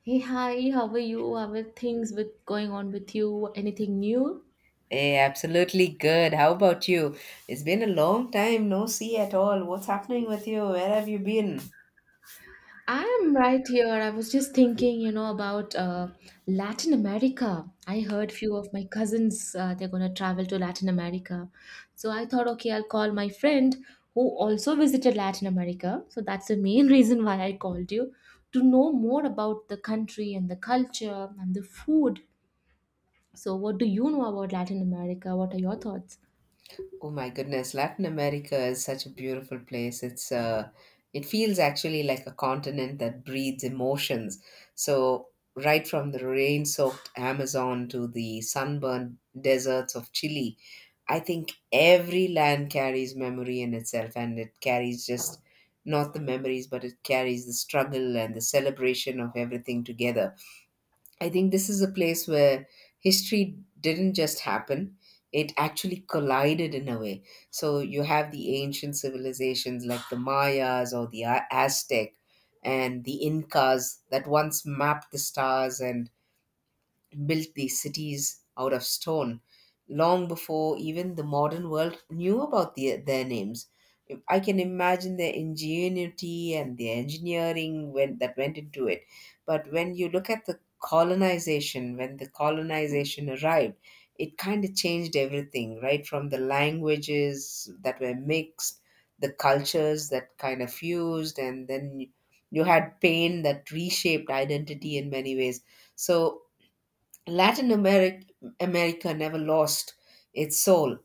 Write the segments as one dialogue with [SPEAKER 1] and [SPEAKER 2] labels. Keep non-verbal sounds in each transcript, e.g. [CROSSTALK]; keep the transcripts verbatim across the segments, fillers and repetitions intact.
[SPEAKER 1] Hey, hi, how are you? How are things with going on with you? Anything new?
[SPEAKER 2] Hey, absolutely good. How about you? It's been a long time, no see at all. What's happening with you? Where have you been?
[SPEAKER 1] I am right here. I was just thinking, you know, about uh, Latin America. I heard few of my cousins uh, they're gonna travel to Latin America, so I thought, okay, I'll call my friend who also visited Latin America. So that's the main [LAUGHS] reason why I called you to know more about the country and the culture and the food. So, what do you know about Latin America? What are your thoughts?
[SPEAKER 2] Oh my goodness, Latin America is such a beautiful place. It's uh, it feels actually like a continent that breathes emotions. So right from the rain-soaked Amazon to the sunburned deserts of Chile, I think every land carries memory in itself, and it carries just not the memories, but it carries the struggle and the celebration of everything together. I think this is a place where history didn't just happen, it actually collided in a way. So you have the ancient civilizations like the Mayas or the A- Aztec and the Incas that once mapped the stars and built these cities out of stone long before even the modern world knew about the, their names. If- I can imagine the ingenuity and the engineering when, that went into it. But when you look at the colonization, when the colonization arrived, it kind of changed everything, right? From the languages that were mixed, the cultures that kind of fused, and then you had pain that reshaped identity in many ways. So Latin Americ- America never lost its soul,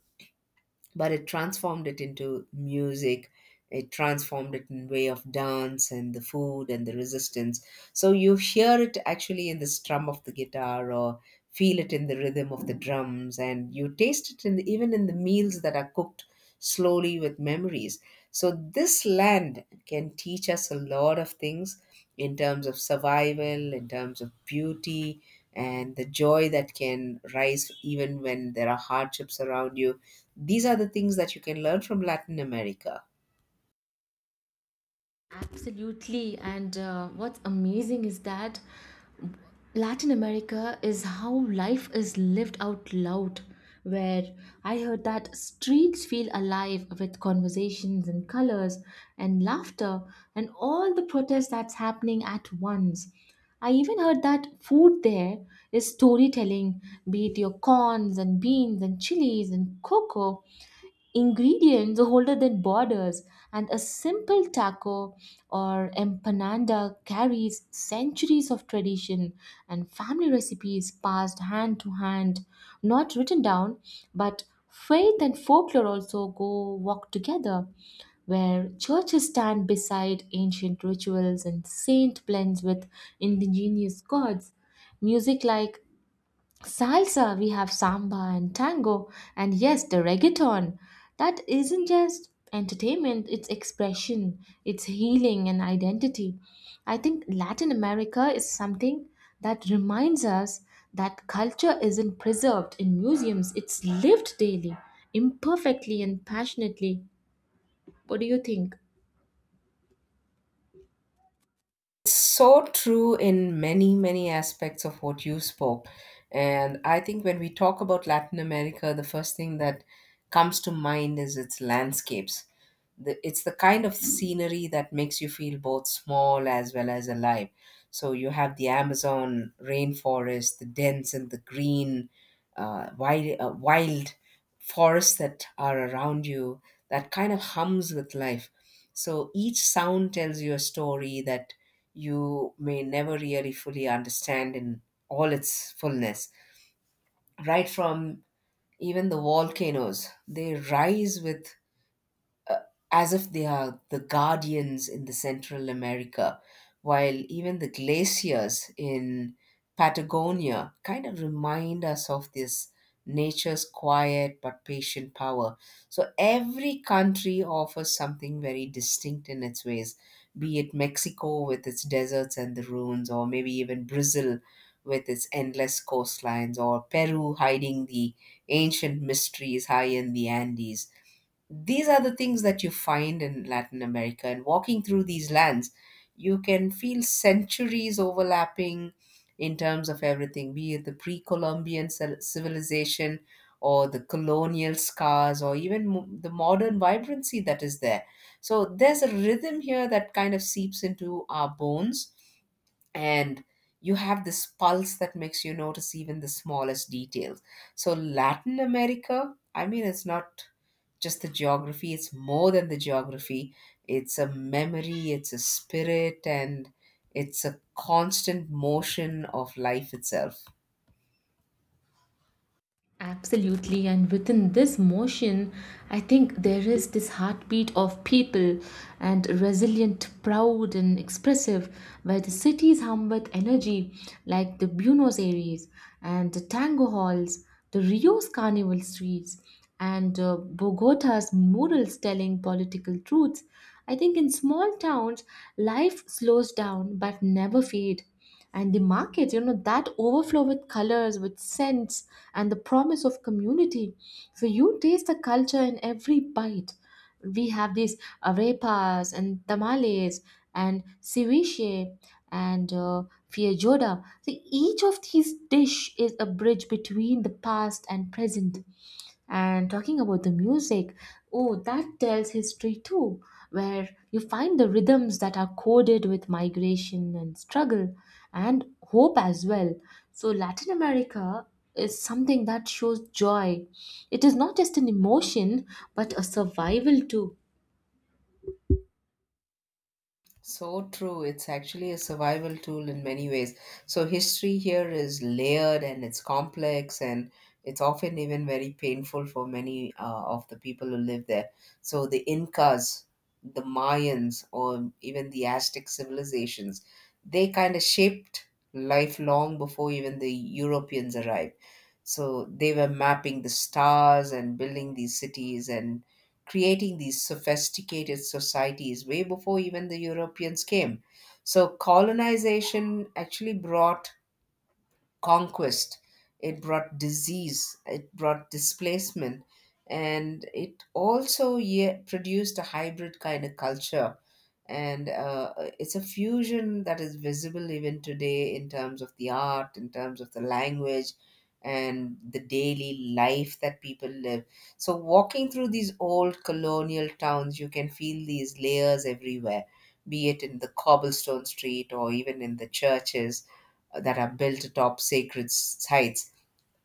[SPEAKER 2] but it transformed it into music. It transformed it in way of dance and the food and the resistance. So you hear it actually in the strum of the guitar or feel it in the rhythm of the drums, and you taste it in the, even in the meals that are cooked slowly with memories. So this land can teach us a lot of things in terms of survival, in terms of beauty, and the joy that can rise even when there are hardships around you. These are the things that you can learn from Latin America.
[SPEAKER 1] Absolutely. And uh, what's amazing is that Latin America is how life is lived out loud. Where I heard that streets feel alive with conversations and colors and laughter and all the protest that's happening at once. I even heard that food there is storytelling, be it your corns and beans and chilies and cocoa ingredients older than borders, and a simple taco or empanada carries centuries of tradition and family recipes passed hand to hand, not written down, but faith and folklore also go walk together. Where churches stand beside ancient rituals and saint blends with indigenous gods. Music like salsa, we have samba and tango, and yes, the reggaeton. That isn't just entertainment, it's expression, it's healing and identity. I think Latin America is something that reminds us that culture isn't preserved in museums, it's lived daily, imperfectly and passionately. What do you think?
[SPEAKER 2] So true in many, many aspects of what you spoke, and I think when we talk about Latin America, the first thing that comes to mind is its landscapes. The, it's the kind of scenery that makes you feel both small as well as alive. So you have the Amazon rainforest, the dense and the green, uh, wild, uh, wild forests that are around you that kind of hums with life. So each sound tells you a story that you may never really fully understand in all its fullness. Right from even the volcanoes, they rise with, as if they are the guardians in the Central America, while even the glaciers in Patagonia kind of remind us of this nature's quiet but patient power. So every country offers something very distinct in its ways, be it Mexico with its deserts and the ruins, or maybe even Brazil with its endless coastlines, or Peru hiding the ancient mysteries high in the Andes. These are the things that you find in Latin America. And walking through these lands, you can feel centuries overlapping in terms of everything, be it the pre Columbian civilization or the colonial scars or even mo- the modern vibrancy that is there. So there's a rhythm here that kind of seeps into our bones, and you have this pulse that makes you notice even the smallest details. So, Latin America, I mean, it's not just the geography, it's more than the geography. It's a memory, it's a spirit, and it's a constant motion of life itself.
[SPEAKER 1] Absolutely, and within this motion, I think there is this heartbeat of people and resilient, proud, and expressive, where the cities hum with energy, like the Buenos Aires and the tango halls, the Rio's carnival streets, and uh, Bogota's murals telling political truths. I think in small towns, life slows down but never fade and the market, you know that overflow with colors, with scents and the promise of community, so you taste the culture in every bite. We have these arepas and tamales and ceviche and uh, feijoada. So each of these dish is a bridge between the past and present. And talking about the music, oh, that tells history too, where you find the rhythms that are coded with migration and struggle and hope as well. So, Latin America is something that shows joy. It is not just an emotion, but a survival too.
[SPEAKER 2] So true. It's actually a survival tool in many ways. So, history here is layered and it's complex, and it's often even very painful for many uh, of the people who live there. So, the Incas, the Mayans, or even the Aztec civilizations, they kind of shaped life long before even the Europeans arrived. So, they were mapping the stars and building these cities and creating these sophisticated societies way before even the Europeans came. So colonization actually brought conquest, it brought disease, it brought displacement, and it also, yeah, produced a hybrid kind of culture. And uh, it's a fusion that is visible even today in terms of the art, in terms of the language, and the daily life that people live. So, walking through these old colonial towns, you can feel these layers everywhere, be it in the cobblestone street or even in the churches that are built atop sacred sites.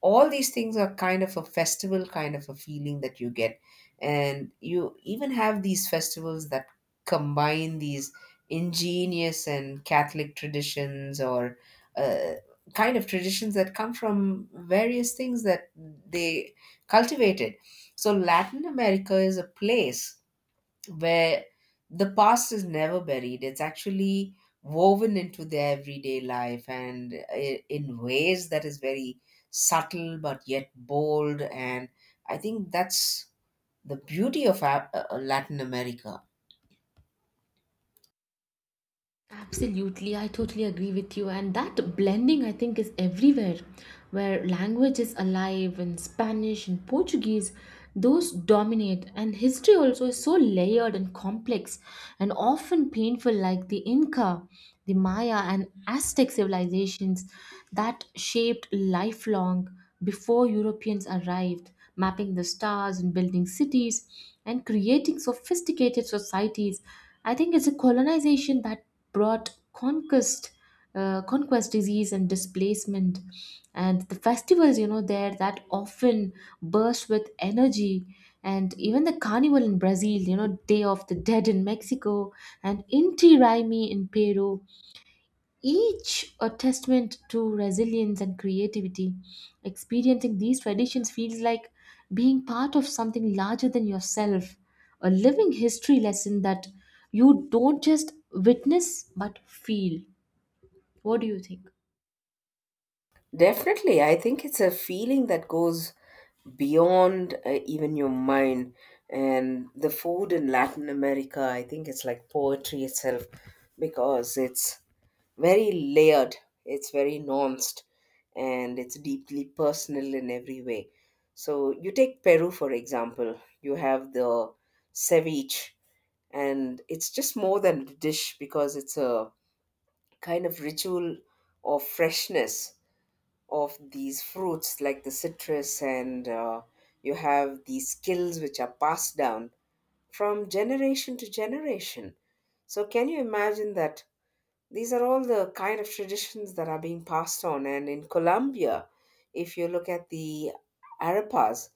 [SPEAKER 2] All these things are kind of a festival kind of a feeling that you get. And you even have these festivals that combine these ingenious and Catholic traditions, or uh, kind of traditions that come from various things that they cultivated. So, Latin America is a place where the past is never buried. It's actually woven into their everyday life and i- in ways that is very subtle but yet bold. And I think that's the beauty of Af- uh, Latin America.
[SPEAKER 1] Absolutely, I totally agree with you. And that blending, I think, is everywhere, where language is alive in Spanish and Portuguese, those dominate. And history also is so layered and complex and often painful, like the Inca, the Maya, and Aztec civilizations that shaped lifelong before Europeans arrived, mapping the stars and building cities and creating sophisticated societies. I think it's a colonization that brought conquest, uh, conquest disease and displacement, and the festivals, you know there that often burst with energy, and even the carnival in Brazil, you know day of the dead in Mexico and Inti Raymi in Peru, each a testament to resilience and creativity. Experiencing these traditions feels like being part of something larger than yourself, a living history lesson that you don't just witness but feel. What do you think?
[SPEAKER 2] Definitely, I think it's a feeling that goes beyond uh, even your mind. And the food in Latin America, I think it's like poetry itself because it's very layered, it's very nuanced, and it's deeply personal in every way. So, you take Peru, for example, you have the ceviche, and it's just more than a dish because it's a kind of ritual of freshness of these fruits like the citrus, and uh, you have these skills which are passed down from generation to generation. So, can you imagine that these are all the kind of traditions that are being passed on. And in Colombia, if you look at the arepas,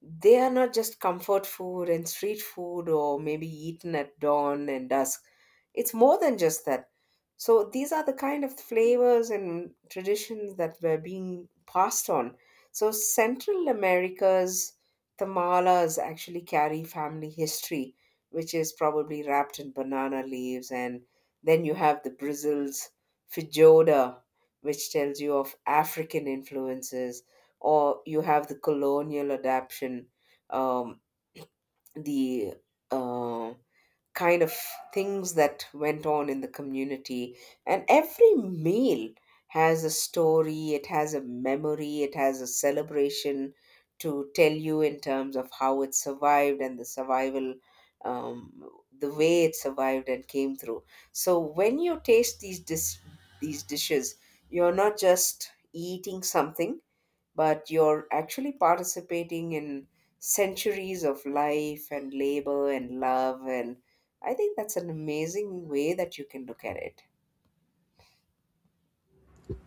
[SPEAKER 2] they are not just comfort food and street food or maybe eaten at dawn and dusk. It's more than just that. So these are the kind of flavors and traditions that were being passed on. So Central America's tamalas actually carry family history, which is probably wrapped in banana leaves. And then you have the Brazil's feijoada, which tells you of African influences, or you have the colonial adaption, um, the uh, kind of things that went on in the community. And every meal has a story, it has a memory, it has a celebration to tell you in terms of how it survived and the survival. Um, the way it survived and came through. So when you taste these dis- these dishes, you're not just eating something, but you're actually participating in centuries of life and labor and love, and I think that's an amazing way that you can look at it.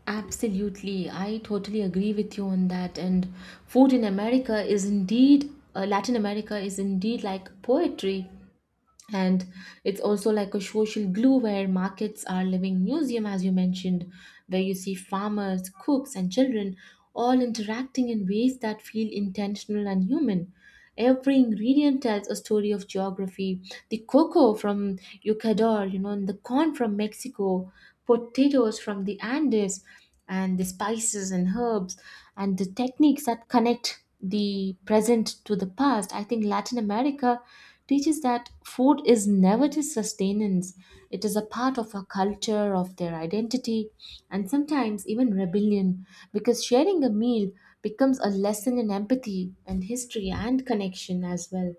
[SPEAKER 1] Absolutely, I totally agree with you on that. And food in America is indeed, uh, Latin America is indeed like poetry. And it's also like a social glue, where markets are living museum, as you mentioned, where you see farmers, cooks, and children all interacting in ways that feel intentional and human. Every ingredient tells a story of geography, the cocoa from Ecuador, you know and the corn from Mexico, potatoes from the Andes, and the spices and herbs and the techniques that connect the present to the past. I think Latin America teaches that food is never just sustenance, it is a part of our culture, of their identity, and sometimes even rebellion, because sharing a meal becomes a lesson in empathy and history and connection as well.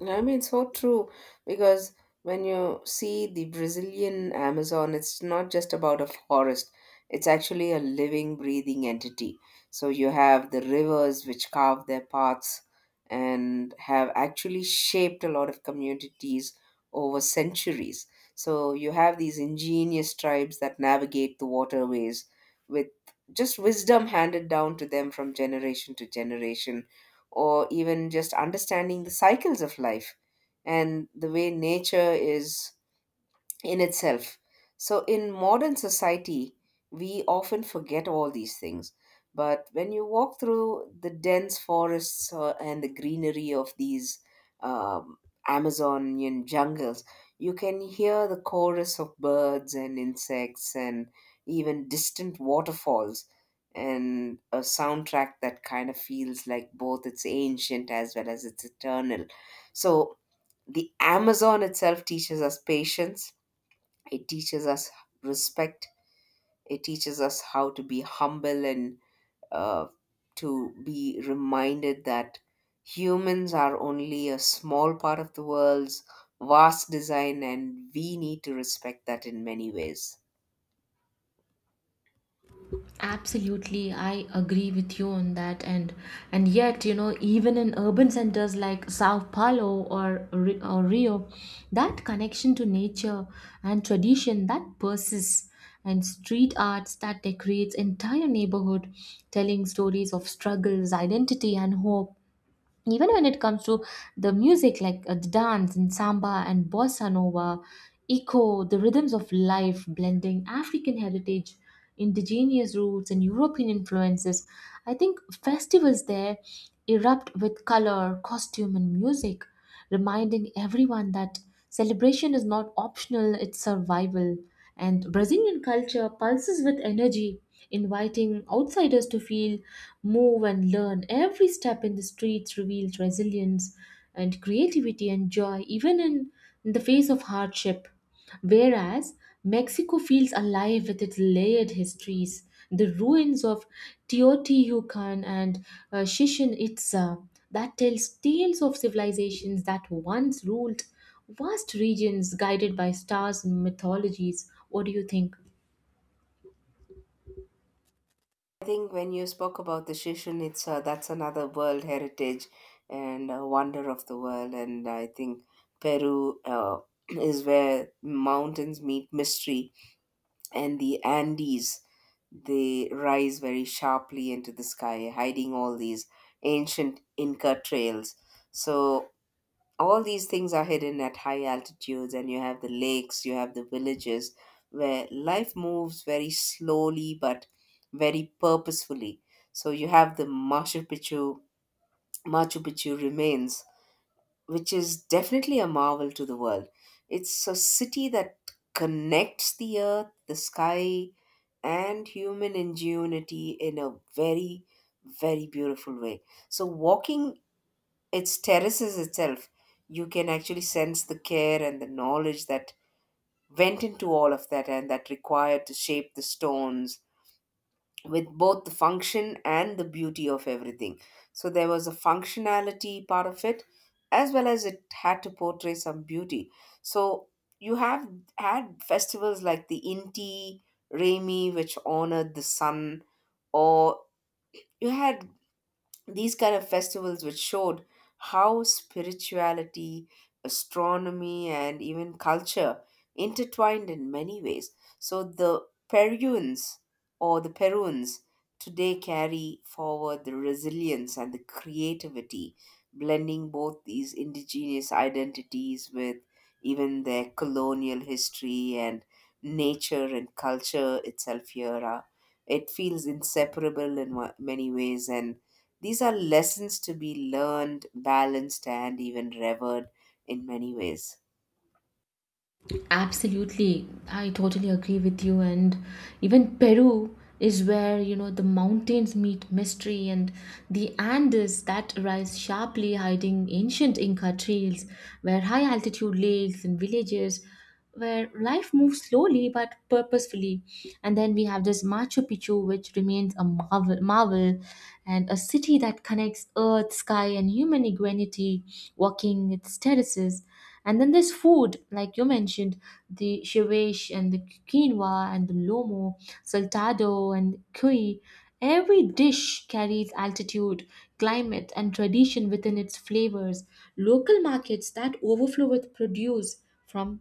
[SPEAKER 2] No, I mean, it's so true because when you see the Brazilian Amazon, it's not just about a forest, it's actually a living, breathing entity. So you have the rivers which carve their paths and have actually shaped a lot of communities over centuries. So you have these ingenious tribes that navigate the waterways with just wisdom handed down to them from generation to generation, or even just understanding the cycles of life and the way nature is in itself. So, in modern society, we often forget all these things. But when you walk through the dense forests uh, and the greenery of these um, Amazonian jungles, you can hear the chorus of birds and insects and even distant waterfalls, and a soundtrack that kind of feels like both it's ancient as well as it's eternal. So, the Amazon itself teaches us patience, it teaches us respect. It teaches us how to be humble and uh, to be reminded that humans are only a small part of the world's vast design, and we need to respect that in many ways.
[SPEAKER 1] Absolutely, I agree with you on that. And and yet, you know, even in urban centers like Sao Paulo or Ri- or Rio, that connection to nature and tradition that persists. And street arts that decorates entire neighborhood, telling stories of struggles, identity, and hope, even when it comes to the music like uh, the dance and samba and bossa nova echo the rhythms of life, blending African heritage, indigenous roots, and European influences. I think festivals there erupt with color, costume, and music, reminding everyone that celebration is not optional, it's survival. And Brazilian culture pulses with energy, inviting outsiders to feel, move, and learn. Every step in the streets reveals resilience and creativity and joy, even in the face of hardship. Whereas Mexico feels alive with its layered histories. The ruins of Teotihuacan and uh, Chichen Itza that tells tales of civilizations that once ruled vast regions guided by stars and mythologies. What do you think?
[SPEAKER 2] I think when you spoke about the Shishun, it's uh, that's another world heritage and a wonder of the world. And I think Peru uh, [CLEARS THROAT] is where mountains meet mystery, and the Andes, they rise very sharply into the sky, hiding all these ancient Inca trails. So all these things are hidden at high altitudes, and you have the lakes, you have the villages where life moves very slowly but very purposefully. So you have the machu picchu Machu Picchu remains, which is definitely a marvel to the world. It's a city that connects the earth, the sky, and human ingenuity in a very, very beautiful way. So walking its terraces itself, you can actually sense the care and the knowledge that went into all of that and that required to shape the stones with both the function and the beauty of everything. So there was a functionality part of it as well as it had to portray some beauty. So you have had festivals like the Inti Raymi, which honored the sun, or you had these kind of festivals which showed how spirituality, astronomy, and even culture intertwined in many ways. So the peruans or the peruans today carry forward the resilience and the creativity, blending both these indigenous identities with even their colonial history, and nature and culture itself here are, it feels inseparable in wa- many ways, and these are lessons to be learned, balanced, and even revered in many ways.
[SPEAKER 1] Absolutely, I totally agree with you. And even Peru is where, you know the mountains meet mystery, and the Andes that rise sharply, hiding ancient Inca trails, where high altitude lakes and villages, where life moves slowly but purposefully. And then we have this Machu Picchu, which remains a marvel, marvel and a city that connects earth, sky, and human ingenuity, walking its terraces. And then there's food, like you mentioned, the shewish and the quinoa and the lomo, saltado and cuy. Every dish carries altitude, climate, and tradition within its flavors. Local markets that overflow with produce from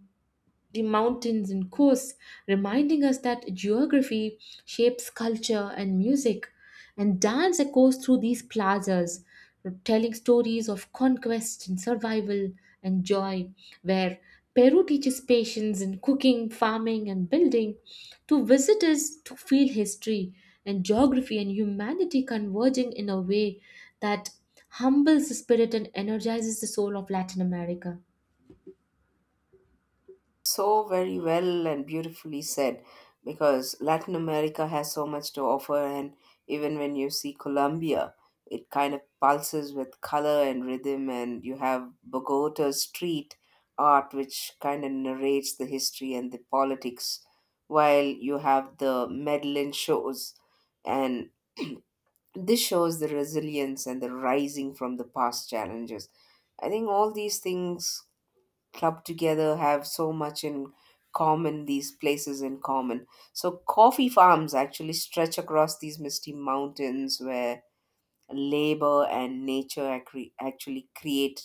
[SPEAKER 1] the mountains and coasts, reminding us that geography shapes culture and music. And dance echoes through these plazas, telling stories of conquest and survival and joy, where Peru teaches patience in cooking, farming, and building to visitors to feel history and geography and humanity converging in a way that humbles the spirit and energizes the soul of Latin America.
[SPEAKER 2] So very well and beautifully said, because Latin America has so much to offer. And even when you see Colombia, it kind of pulses with color and rhythm, and you have Bogota street art, which kind of narrates the history and the politics, while you have the Medellin shows and [CLEARS THROAT] this shows the resilience and the rising from the past challenges. I think all these things clubbed together have so much in common, these places in common. So coffee farms actually stretch across these misty mountains where labor and nature acre- actually created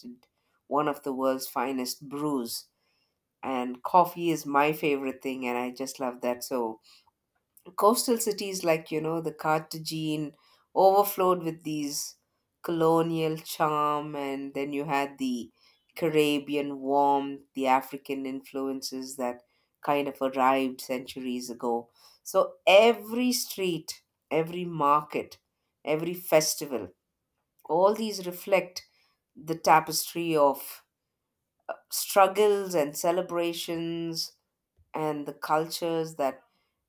[SPEAKER 2] one of the world's finest brews. And coffee is my favorite thing, and I just love that. So coastal cities like, you know, the Cartagene overflowed with these colonial charm, and then you had the Caribbean warmth, the African influences that kind of arrived centuries ago. So every street, every market, every festival, all these reflect the tapestry of struggles and celebrations and the cultures that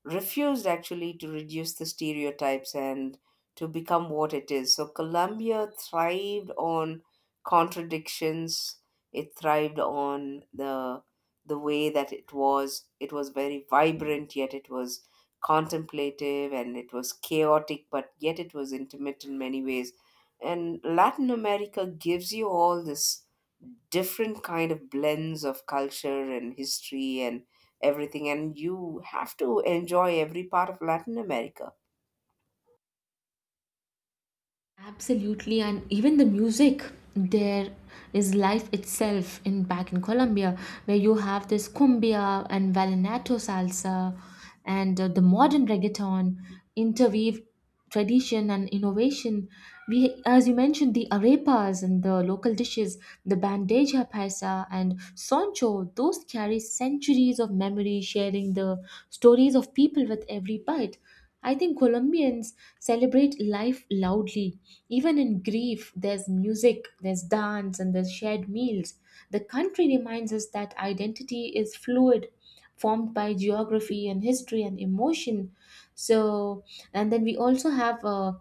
[SPEAKER 2] refused actually to reduce the stereotypes and to become what it is. So Colombia thrived on contradictions. It thrived on the the way that it was. It was very vibrant, yet it was contemplative and it was chaotic, but yet it was intimate in many ways. And Latin America gives you all this different kind of blends of culture and history and everything, and you have to enjoy every part of Latin America.
[SPEAKER 1] Absolutely, and even the music, there is life itself in, back in Colombia, where you have this cumbia and vallenato salsa, and uh, the modern reggaeton interweave tradition and innovation. We, as you mentioned, the arepas and the local dishes, the bandeja paisa and soncho, those carry centuries of memory, sharing the stories of people with every bite. I think Colombians celebrate life loudly. Even in grief, there's music, there's dance, and there's shared meals. The country reminds us that identity is fluid, formed by geography and history and emotion. So, and then we also have, uh,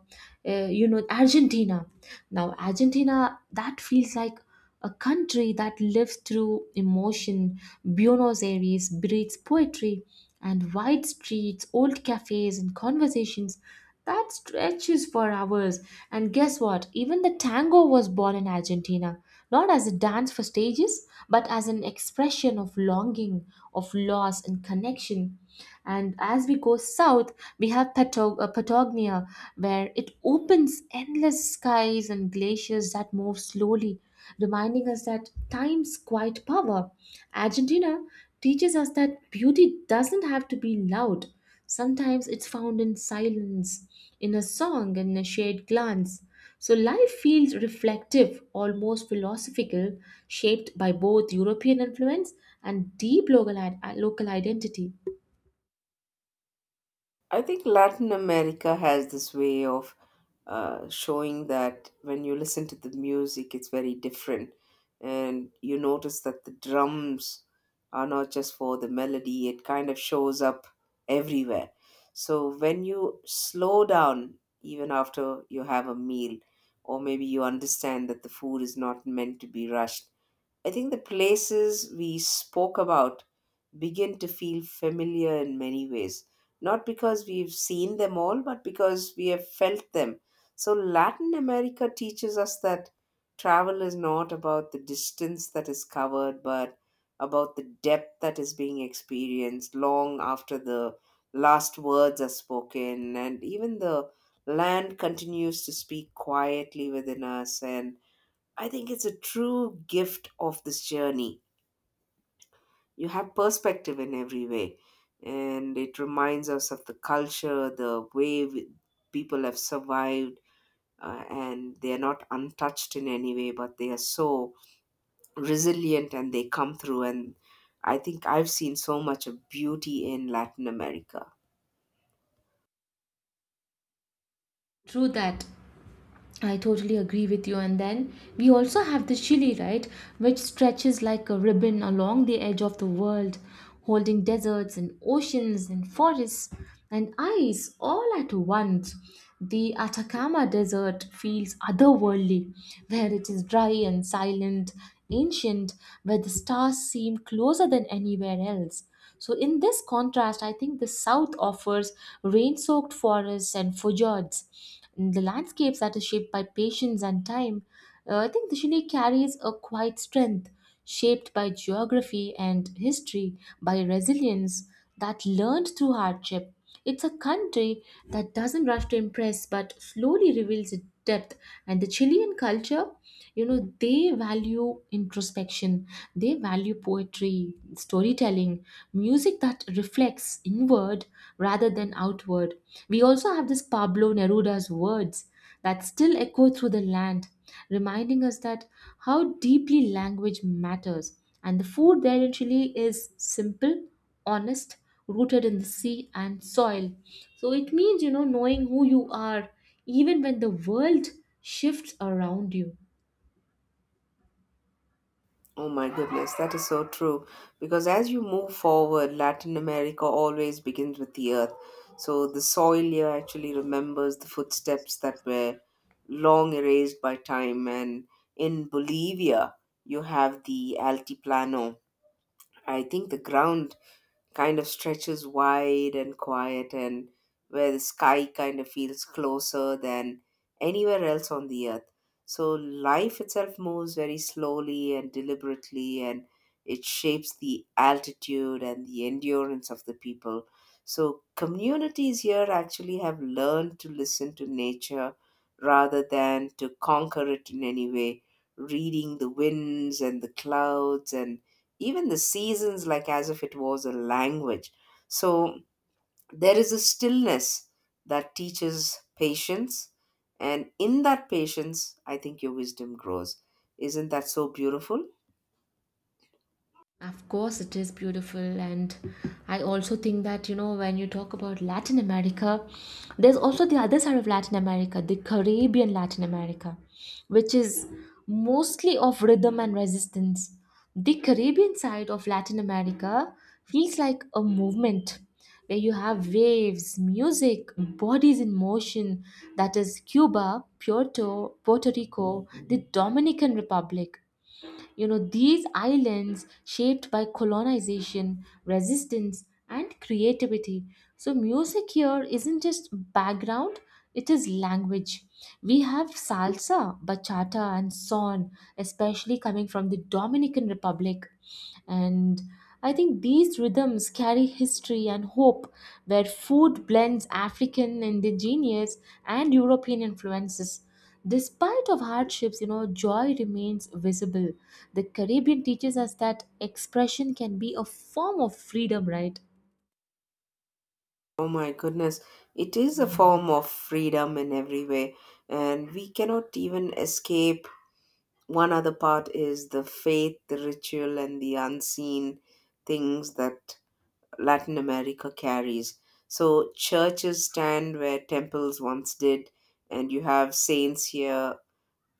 [SPEAKER 1] uh, you know, Argentina. Now, Argentina, that feels like a country that lives through emotion. Buenos Aires breathes poetry and wide streets, old cafes, and conversations that stretches for hours. And guess what? Even the tango was born in Argentina, not as a dance for stages, but as an expression of longing, of loss, and connection. And as we go south, we have Patog- uh, Patagonia, where it opens endless skies and glaciers that move slowly, reminding us that time's quiet power. Argentina teaches us that beauty doesn't have to be loud. Sometimes it's found in silence, in a song, in a shared glance. So life feels reflective, almost philosophical, shaped by both European influence and deep local, i- local identity.
[SPEAKER 2] I think Latin America has this way of uh, showing that when you listen to the music, it's very different. And you notice that the drums are not just for the melody, it kind of shows up everywhere. So when you slow down, even after you have a meal, or maybe you understand that the food is not meant to be rushed, I think the places we spoke about begin to feel familiar in many ways, not because we've seen them all, but because we have felt them. So Latin America teaches us that travel is not about the distance that is covered, but about the depth that is being experienced long after the last words are spoken, and even the land continues to speak quietly within us. And I think it's a true gift of this journey. You have perspective in every way, and it reminds us of the culture, the way we, people have survived, uh, and they are not untouched in any way, but they are so resilient and they come through. And I think I've seen so much of beauty in Latin America.
[SPEAKER 1] True that. I totally agree with you. And then we also have the Chile, right, which stretches like a ribbon along the edge of the world, holding deserts and oceans and forests and ice all at once. The Atacama Desert feels otherworldly, where it is dry and silent, ancient, where the stars seem closer than anywhere else. So, in this contrast, I think the south offers rain soaked forests and fjords, the landscapes that are shaped by patience and time. Uh, I think Dashini carries a quiet strength shaped by geography and history, by resilience that learned through hardship. It's a country that doesn't rush to impress but slowly reveals it depth. And the Chilean culture, you know they value introspection, they value poetry, storytelling, music that reflects inward rather than outward. We also have this Pablo Neruda's words that still echo through the land, reminding us that how deeply language matters. And the food there in Chile is simple, honest, rooted in the sea and soil. So it means, you know knowing who you are even when the world shifts around you.
[SPEAKER 2] Oh my goodness, that is so true. Because as you move forward, Latin America always begins with the earth. So the soil here actually remembers the footsteps that were long erased by time. And in Bolivia, you have the Altiplano. I think the ground kind of stretches wide and quiet, and where the sky kind of feels closer than anywhere else on the earth. So life itself moves very slowly and deliberately, and it shapes the altitude and the endurance of the people. So communities here actually have learned to listen to nature rather than to conquer it in any way, reading the winds and the clouds and even the seasons like as if it was a language. So there is a stillness that teaches patience, and in that patience, I think your wisdom grows. Isn't that so beautiful?
[SPEAKER 1] Of course, it is beautiful, and I also think that, you know when you talk about Latin America, there's also the other side of Latin America, the Caribbean Latin America, which is mostly of rhythm and resistance. The Caribbean side of Latin America feels like a movement, where you have waves, music, bodies in motion. That is Cuba, Puerto, Puerto Rico, the Dominican Republic. You know, these islands shaped by colonization, resistance, and creativity. So, music here isn't just background, it is language. We have salsa, bachata, and son, especially coming from the Dominican Republic. And I think these rhythms carry history and hope, where food blends African, indigenous, and European influences. Despite of hardships, you know, joy remains visible. The Caribbean teaches us that expression can be a form of freedom, right?
[SPEAKER 2] Oh my goodness, it is a form of freedom in every way, and we cannot even escape. One other part is the faith, the ritual, and the unseen things that Latin America carries. So churches stand where temples once did, and you have saints here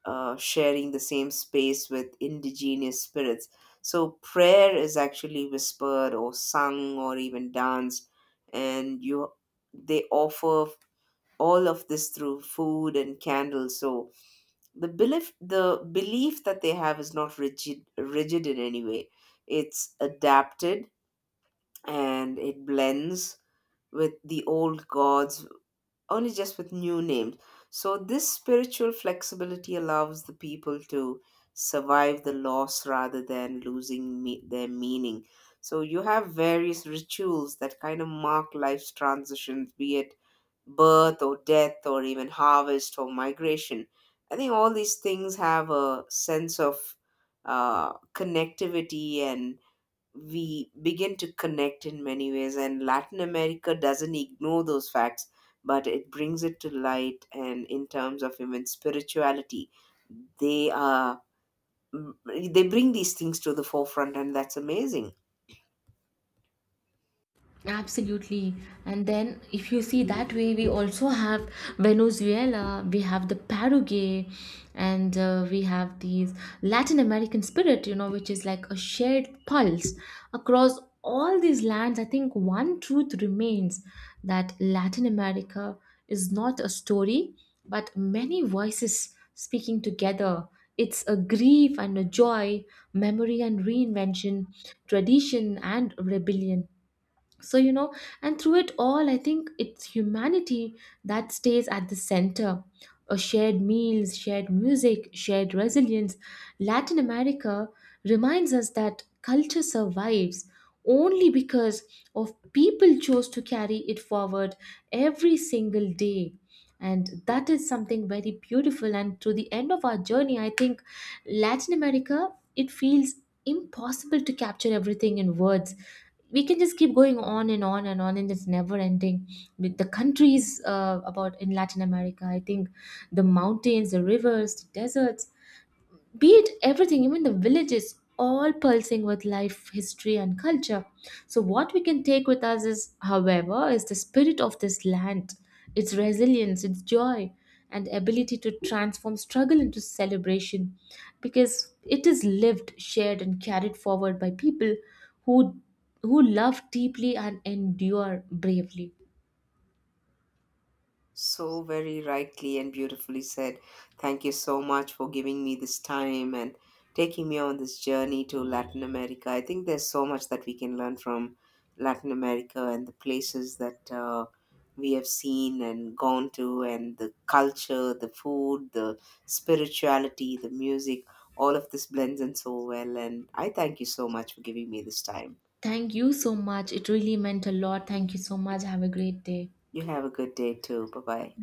[SPEAKER 2] uh, sharing the same space with indigenous spirits. So prayer is actually whispered or sung or even danced, and you they offer all of this through food and candles. So the belief the belief that they have is not rigid rigid in any way. It's adapted and it blends with the old gods, only just with new names. So this spiritual flexibility allows the people to survive the loss rather than losing me- their meaning. So you have various rituals that kind of mark life's transitions, be it birth or death, or even harvest or migration. I think all these things have a sense of uh, connectivity, and we begin to connect in many ways. And Latin America doesn't ignore those facts, but it brings it to light. And in terms of even spirituality, they are they bring these things to the forefront, and that's amazing.
[SPEAKER 1] Absolutely. And then, if you see that way, we also have Venezuela, we have the Paraguay, and uh, we have these Latin American spirit, you know, which is like a shared pulse across all these lands. I think one truth remains that Latin America is not a story, but many voices speaking together. It's a grief and a joy, memory and reinvention, tradition and rebellion. So, you know and through it all, I think it's humanity that stays at the center, a shared meals, shared music, shared resilience. Latin America reminds us that culture survives only because of people chose to carry it forward every single day. And that is something very beautiful. And to the end of our journey, I think Latin America, it feels impossible to capture everything in words. We can just keep going on and on and on, and it's never ending with the countries, uh, about in Latin America. I think the mountains, the rivers, the deserts, be it everything, even the villages, all pulsing with life, history, and culture. So, what we can take with us is, however, is the spirit of this land, its resilience, its joy, and ability to transform struggle into celebration, because it is lived, shared, and carried forward by people who who love deeply and endure bravely.
[SPEAKER 2] So very rightly and beautifully said. Thank you so much for giving me this time and taking me on this journey to Latin America. I think there's so much that we can learn from Latin America and the places that uh, we have seen and gone to, and the culture, the food, the spirituality, the music. All of this blends in so well. And I thank you so much for giving me this time.
[SPEAKER 1] Thank you so much. It really meant a lot. Thank you so much. Have a great day.
[SPEAKER 2] You have a good day too. Bye bye.